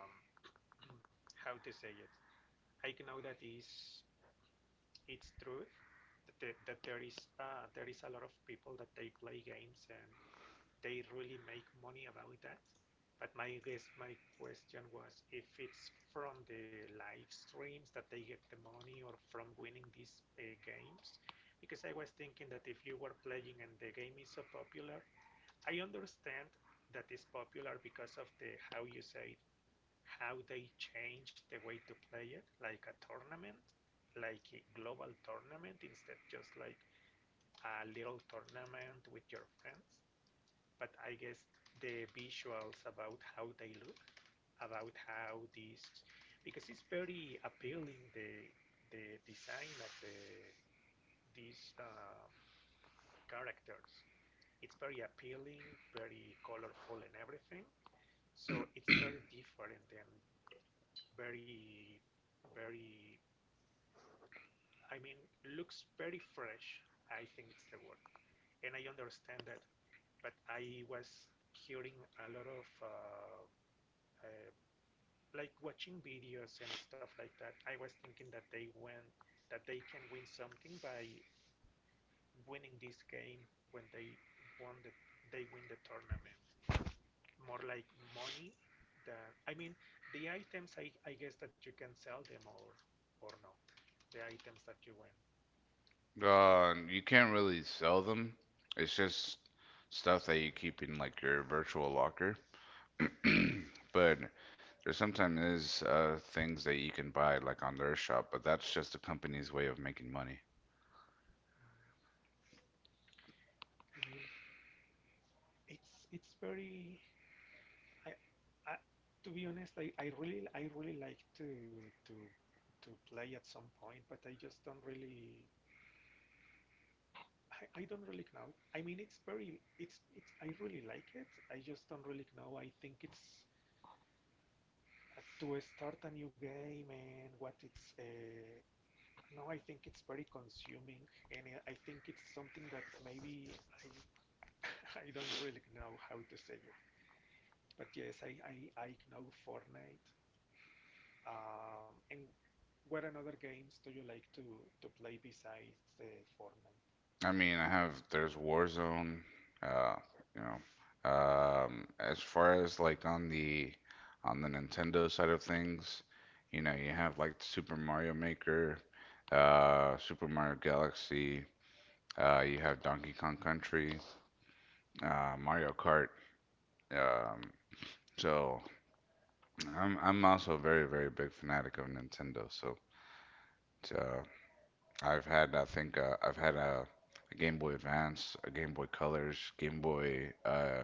[SPEAKER 2] how to say it. I know that is it's true that, the- that there is uh, there is a lot of people that they play games and they really make money about that. But my guess, my question was if it's from the live streams that they get the money or from winning these uh, games, because I was thinking that if you were playing and the game is so popular, I understand that is popular because of the how you say how they change the way to play it, like a tournament, like a global tournament instead just like a little tournament with your friends. But I guess the visuals about how they look, about how this, because it's very appealing the the design of the these um, characters. It's very appealing, very colorful, and everything. So it's very different than very, very, I mean, looks very fresh. I think it's the word. And I understand that, but I was hearing a lot of uh, uh, like watching videos and stuff like that. I was thinking that they win, that they can win something by winning this game when they won the they win the tournament. More like money than I mean the items. I I guess that you can sell them or or no the items that you win.
[SPEAKER 1] uh, you can't really sell them. It's just stuff that you keep in like your virtual locker. But there sometimes is uh, things that you can buy like on their shop, but that's just the company's way of making money.
[SPEAKER 2] I mean, it's it's very. I, I to be honest, I, I really I really like to to to play at some point, but I just don't really. I, I don't really know. I mean, it's very it's it's. I really like it. I just don't really know. I think it's uh, to start a new game and what it's. Uh, no, I think it's very consuming, and I I think it's something that maybe I I don't really know how to say it. But yes, I, I, I know Fortnite. Um, and what another games do you like to, to play besides uh, Fortnite?
[SPEAKER 1] I mean, I have there's Warzone, uh, you know. Um, as far as like on the on the Nintendo side of things, you know, you have like Super Mario Maker, uh, Super Mario Galaxy, uh, you have Donkey Kong Country, uh, Mario Kart. Um, so I'm I'm also a very very big fanatic of Nintendo. So uh, I've had, I think uh, I've had a, a Game Boy Advance, a Game Boy Colors, Game Boy. Uh,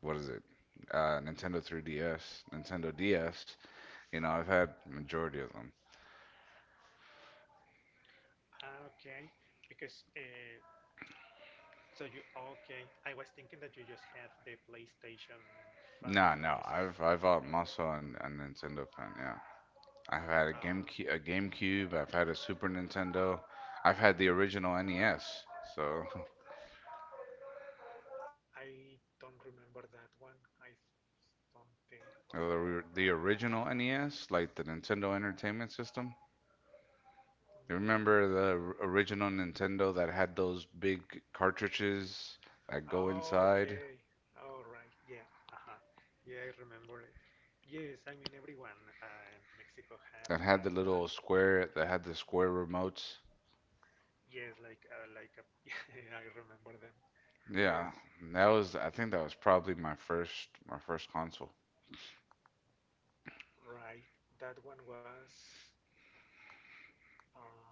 [SPEAKER 1] what is it? Uh, Nintendo three D S, Nintendo D S. You know, I've had majority of them.
[SPEAKER 2] Ah, okay. Because uh, so you oh, okay. I was thinking that you just had the PlayStation five
[SPEAKER 1] No,
[SPEAKER 2] that you
[SPEAKER 1] no,
[SPEAKER 2] say.
[SPEAKER 1] I've I've um, also an, a Nintendo fan. Yeah, I've had a
[SPEAKER 2] Ah, okay.
[SPEAKER 1] GameCube, a GameCube. I've had a Super Nintendo. I've had the original N E S. So
[SPEAKER 2] I don't remember that one. I don't think.
[SPEAKER 1] the or- the original N E S, like the Nintendo Entertainment System. You
[SPEAKER 2] Mm,
[SPEAKER 1] remember the r- original Nintendo that had those big cartridges that go
[SPEAKER 2] oh,
[SPEAKER 1] inside,
[SPEAKER 2] okay. All right. Yeah. Uh-huh. Yeah, I remember it. Yes, I mean everyone uh, in Mexico had
[SPEAKER 1] that
[SPEAKER 2] that
[SPEAKER 1] had the
[SPEAKER 2] one.
[SPEAKER 1] little square, that had the square remotes.
[SPEAKER 2] Yes, like uh, like a, yeah, I remember them. Yes,
[SPEAKER 1] Yeah, that was, I think that was probably my first my first console.
[SPEAKER 2] right. That one was um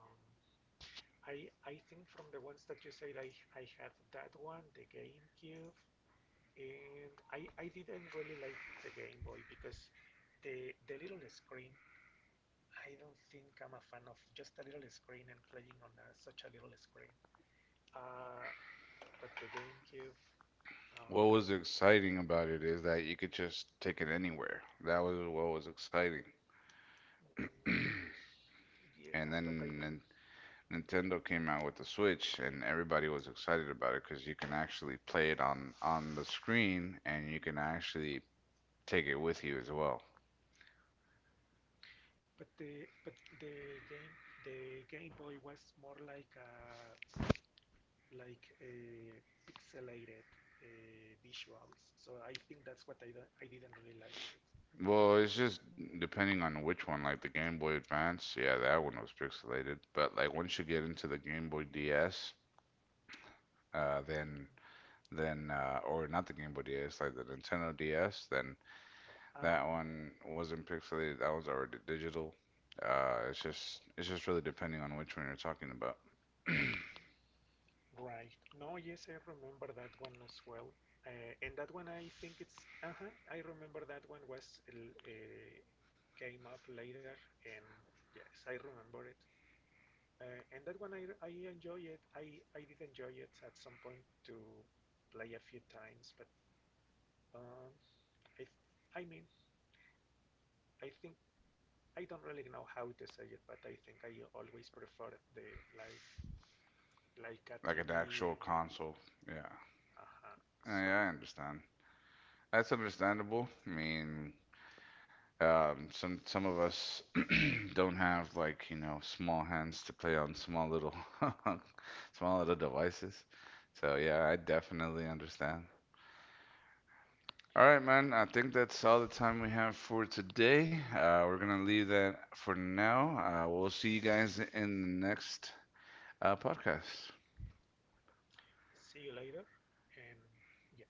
[SPEAKER 2] I I think from the ones that you said I I had that one, the GameCube, and I I didn't really like the Game Boy because the the little screen I don't think I'm a fan of just a little screen and playing on a, such a little screen. Uh, but the GameCube, um,
[SPEAKER 1] What was exciting about it is that you could just take it anywhere. That was what was exciting.
[SPEAKER 2] mm, yeah, but
[SPEAKER 1] And
[SPEAKER 2] I mean,
[SPEAKER 1] then Nin-
[SPEAKER 2] mhm.
[SPEAKER 1] Nintendo came out with the Switch, and everybody was excited about it because you can actually play it on on the screen, and you can actually take it with you as well.
[SPEAKER 2] But the but the game the Game Boy was more like a like a pixelated uh, visuals. So I think that's what I don't, I didn't really like it.
[SPEAKER 1] Well, it's just depending on which one. Like the Game Boy Advance, yeah, that one was pixelated. But like once you get into the Game Boy D S, uh,
[SPEAKER 2] Mm.
[SPEAKER 1] then then uh, or not the Game Boy D S, like the Nintendo D S, then
[SPEAKER 2] Ah,
[SPEAKER 1] that one wasn't pixelated. That one's already digital. Uh, it's just it's just really depending on which one you're talking about,
[SPEAKER 2] right. No, yes, I remember that one as well. Uh, and that one, I think it's. Uh huh. I remember that one was l- uh, came up later, and yes, I remember it. Uh, and that one, I I enjoy it. I I did enjoy it at some point to play a few times, but um, I th- I mean, I think I don't really know how to say it, but I think I always prefer the like like a
[SPEAKER 1] like an
[SPEAKER 2] T V and
[SPEAKER 1] actual console. Yeah.
[SPEAKER 2] uh huh. So.
[SPEAKER 1] Uh, yeah, I understand. That's understandable. I mean, um, some some of us don't have, like, you know, small hands to play on small little small little devices. So yeah, I definitely understand. All right, man. I think that's all the time we have for today. Uh, we're gonna leave that for now. Uh, we'll see you guys in the next uh, podcast.
[SPEAKER 2] See you later and yes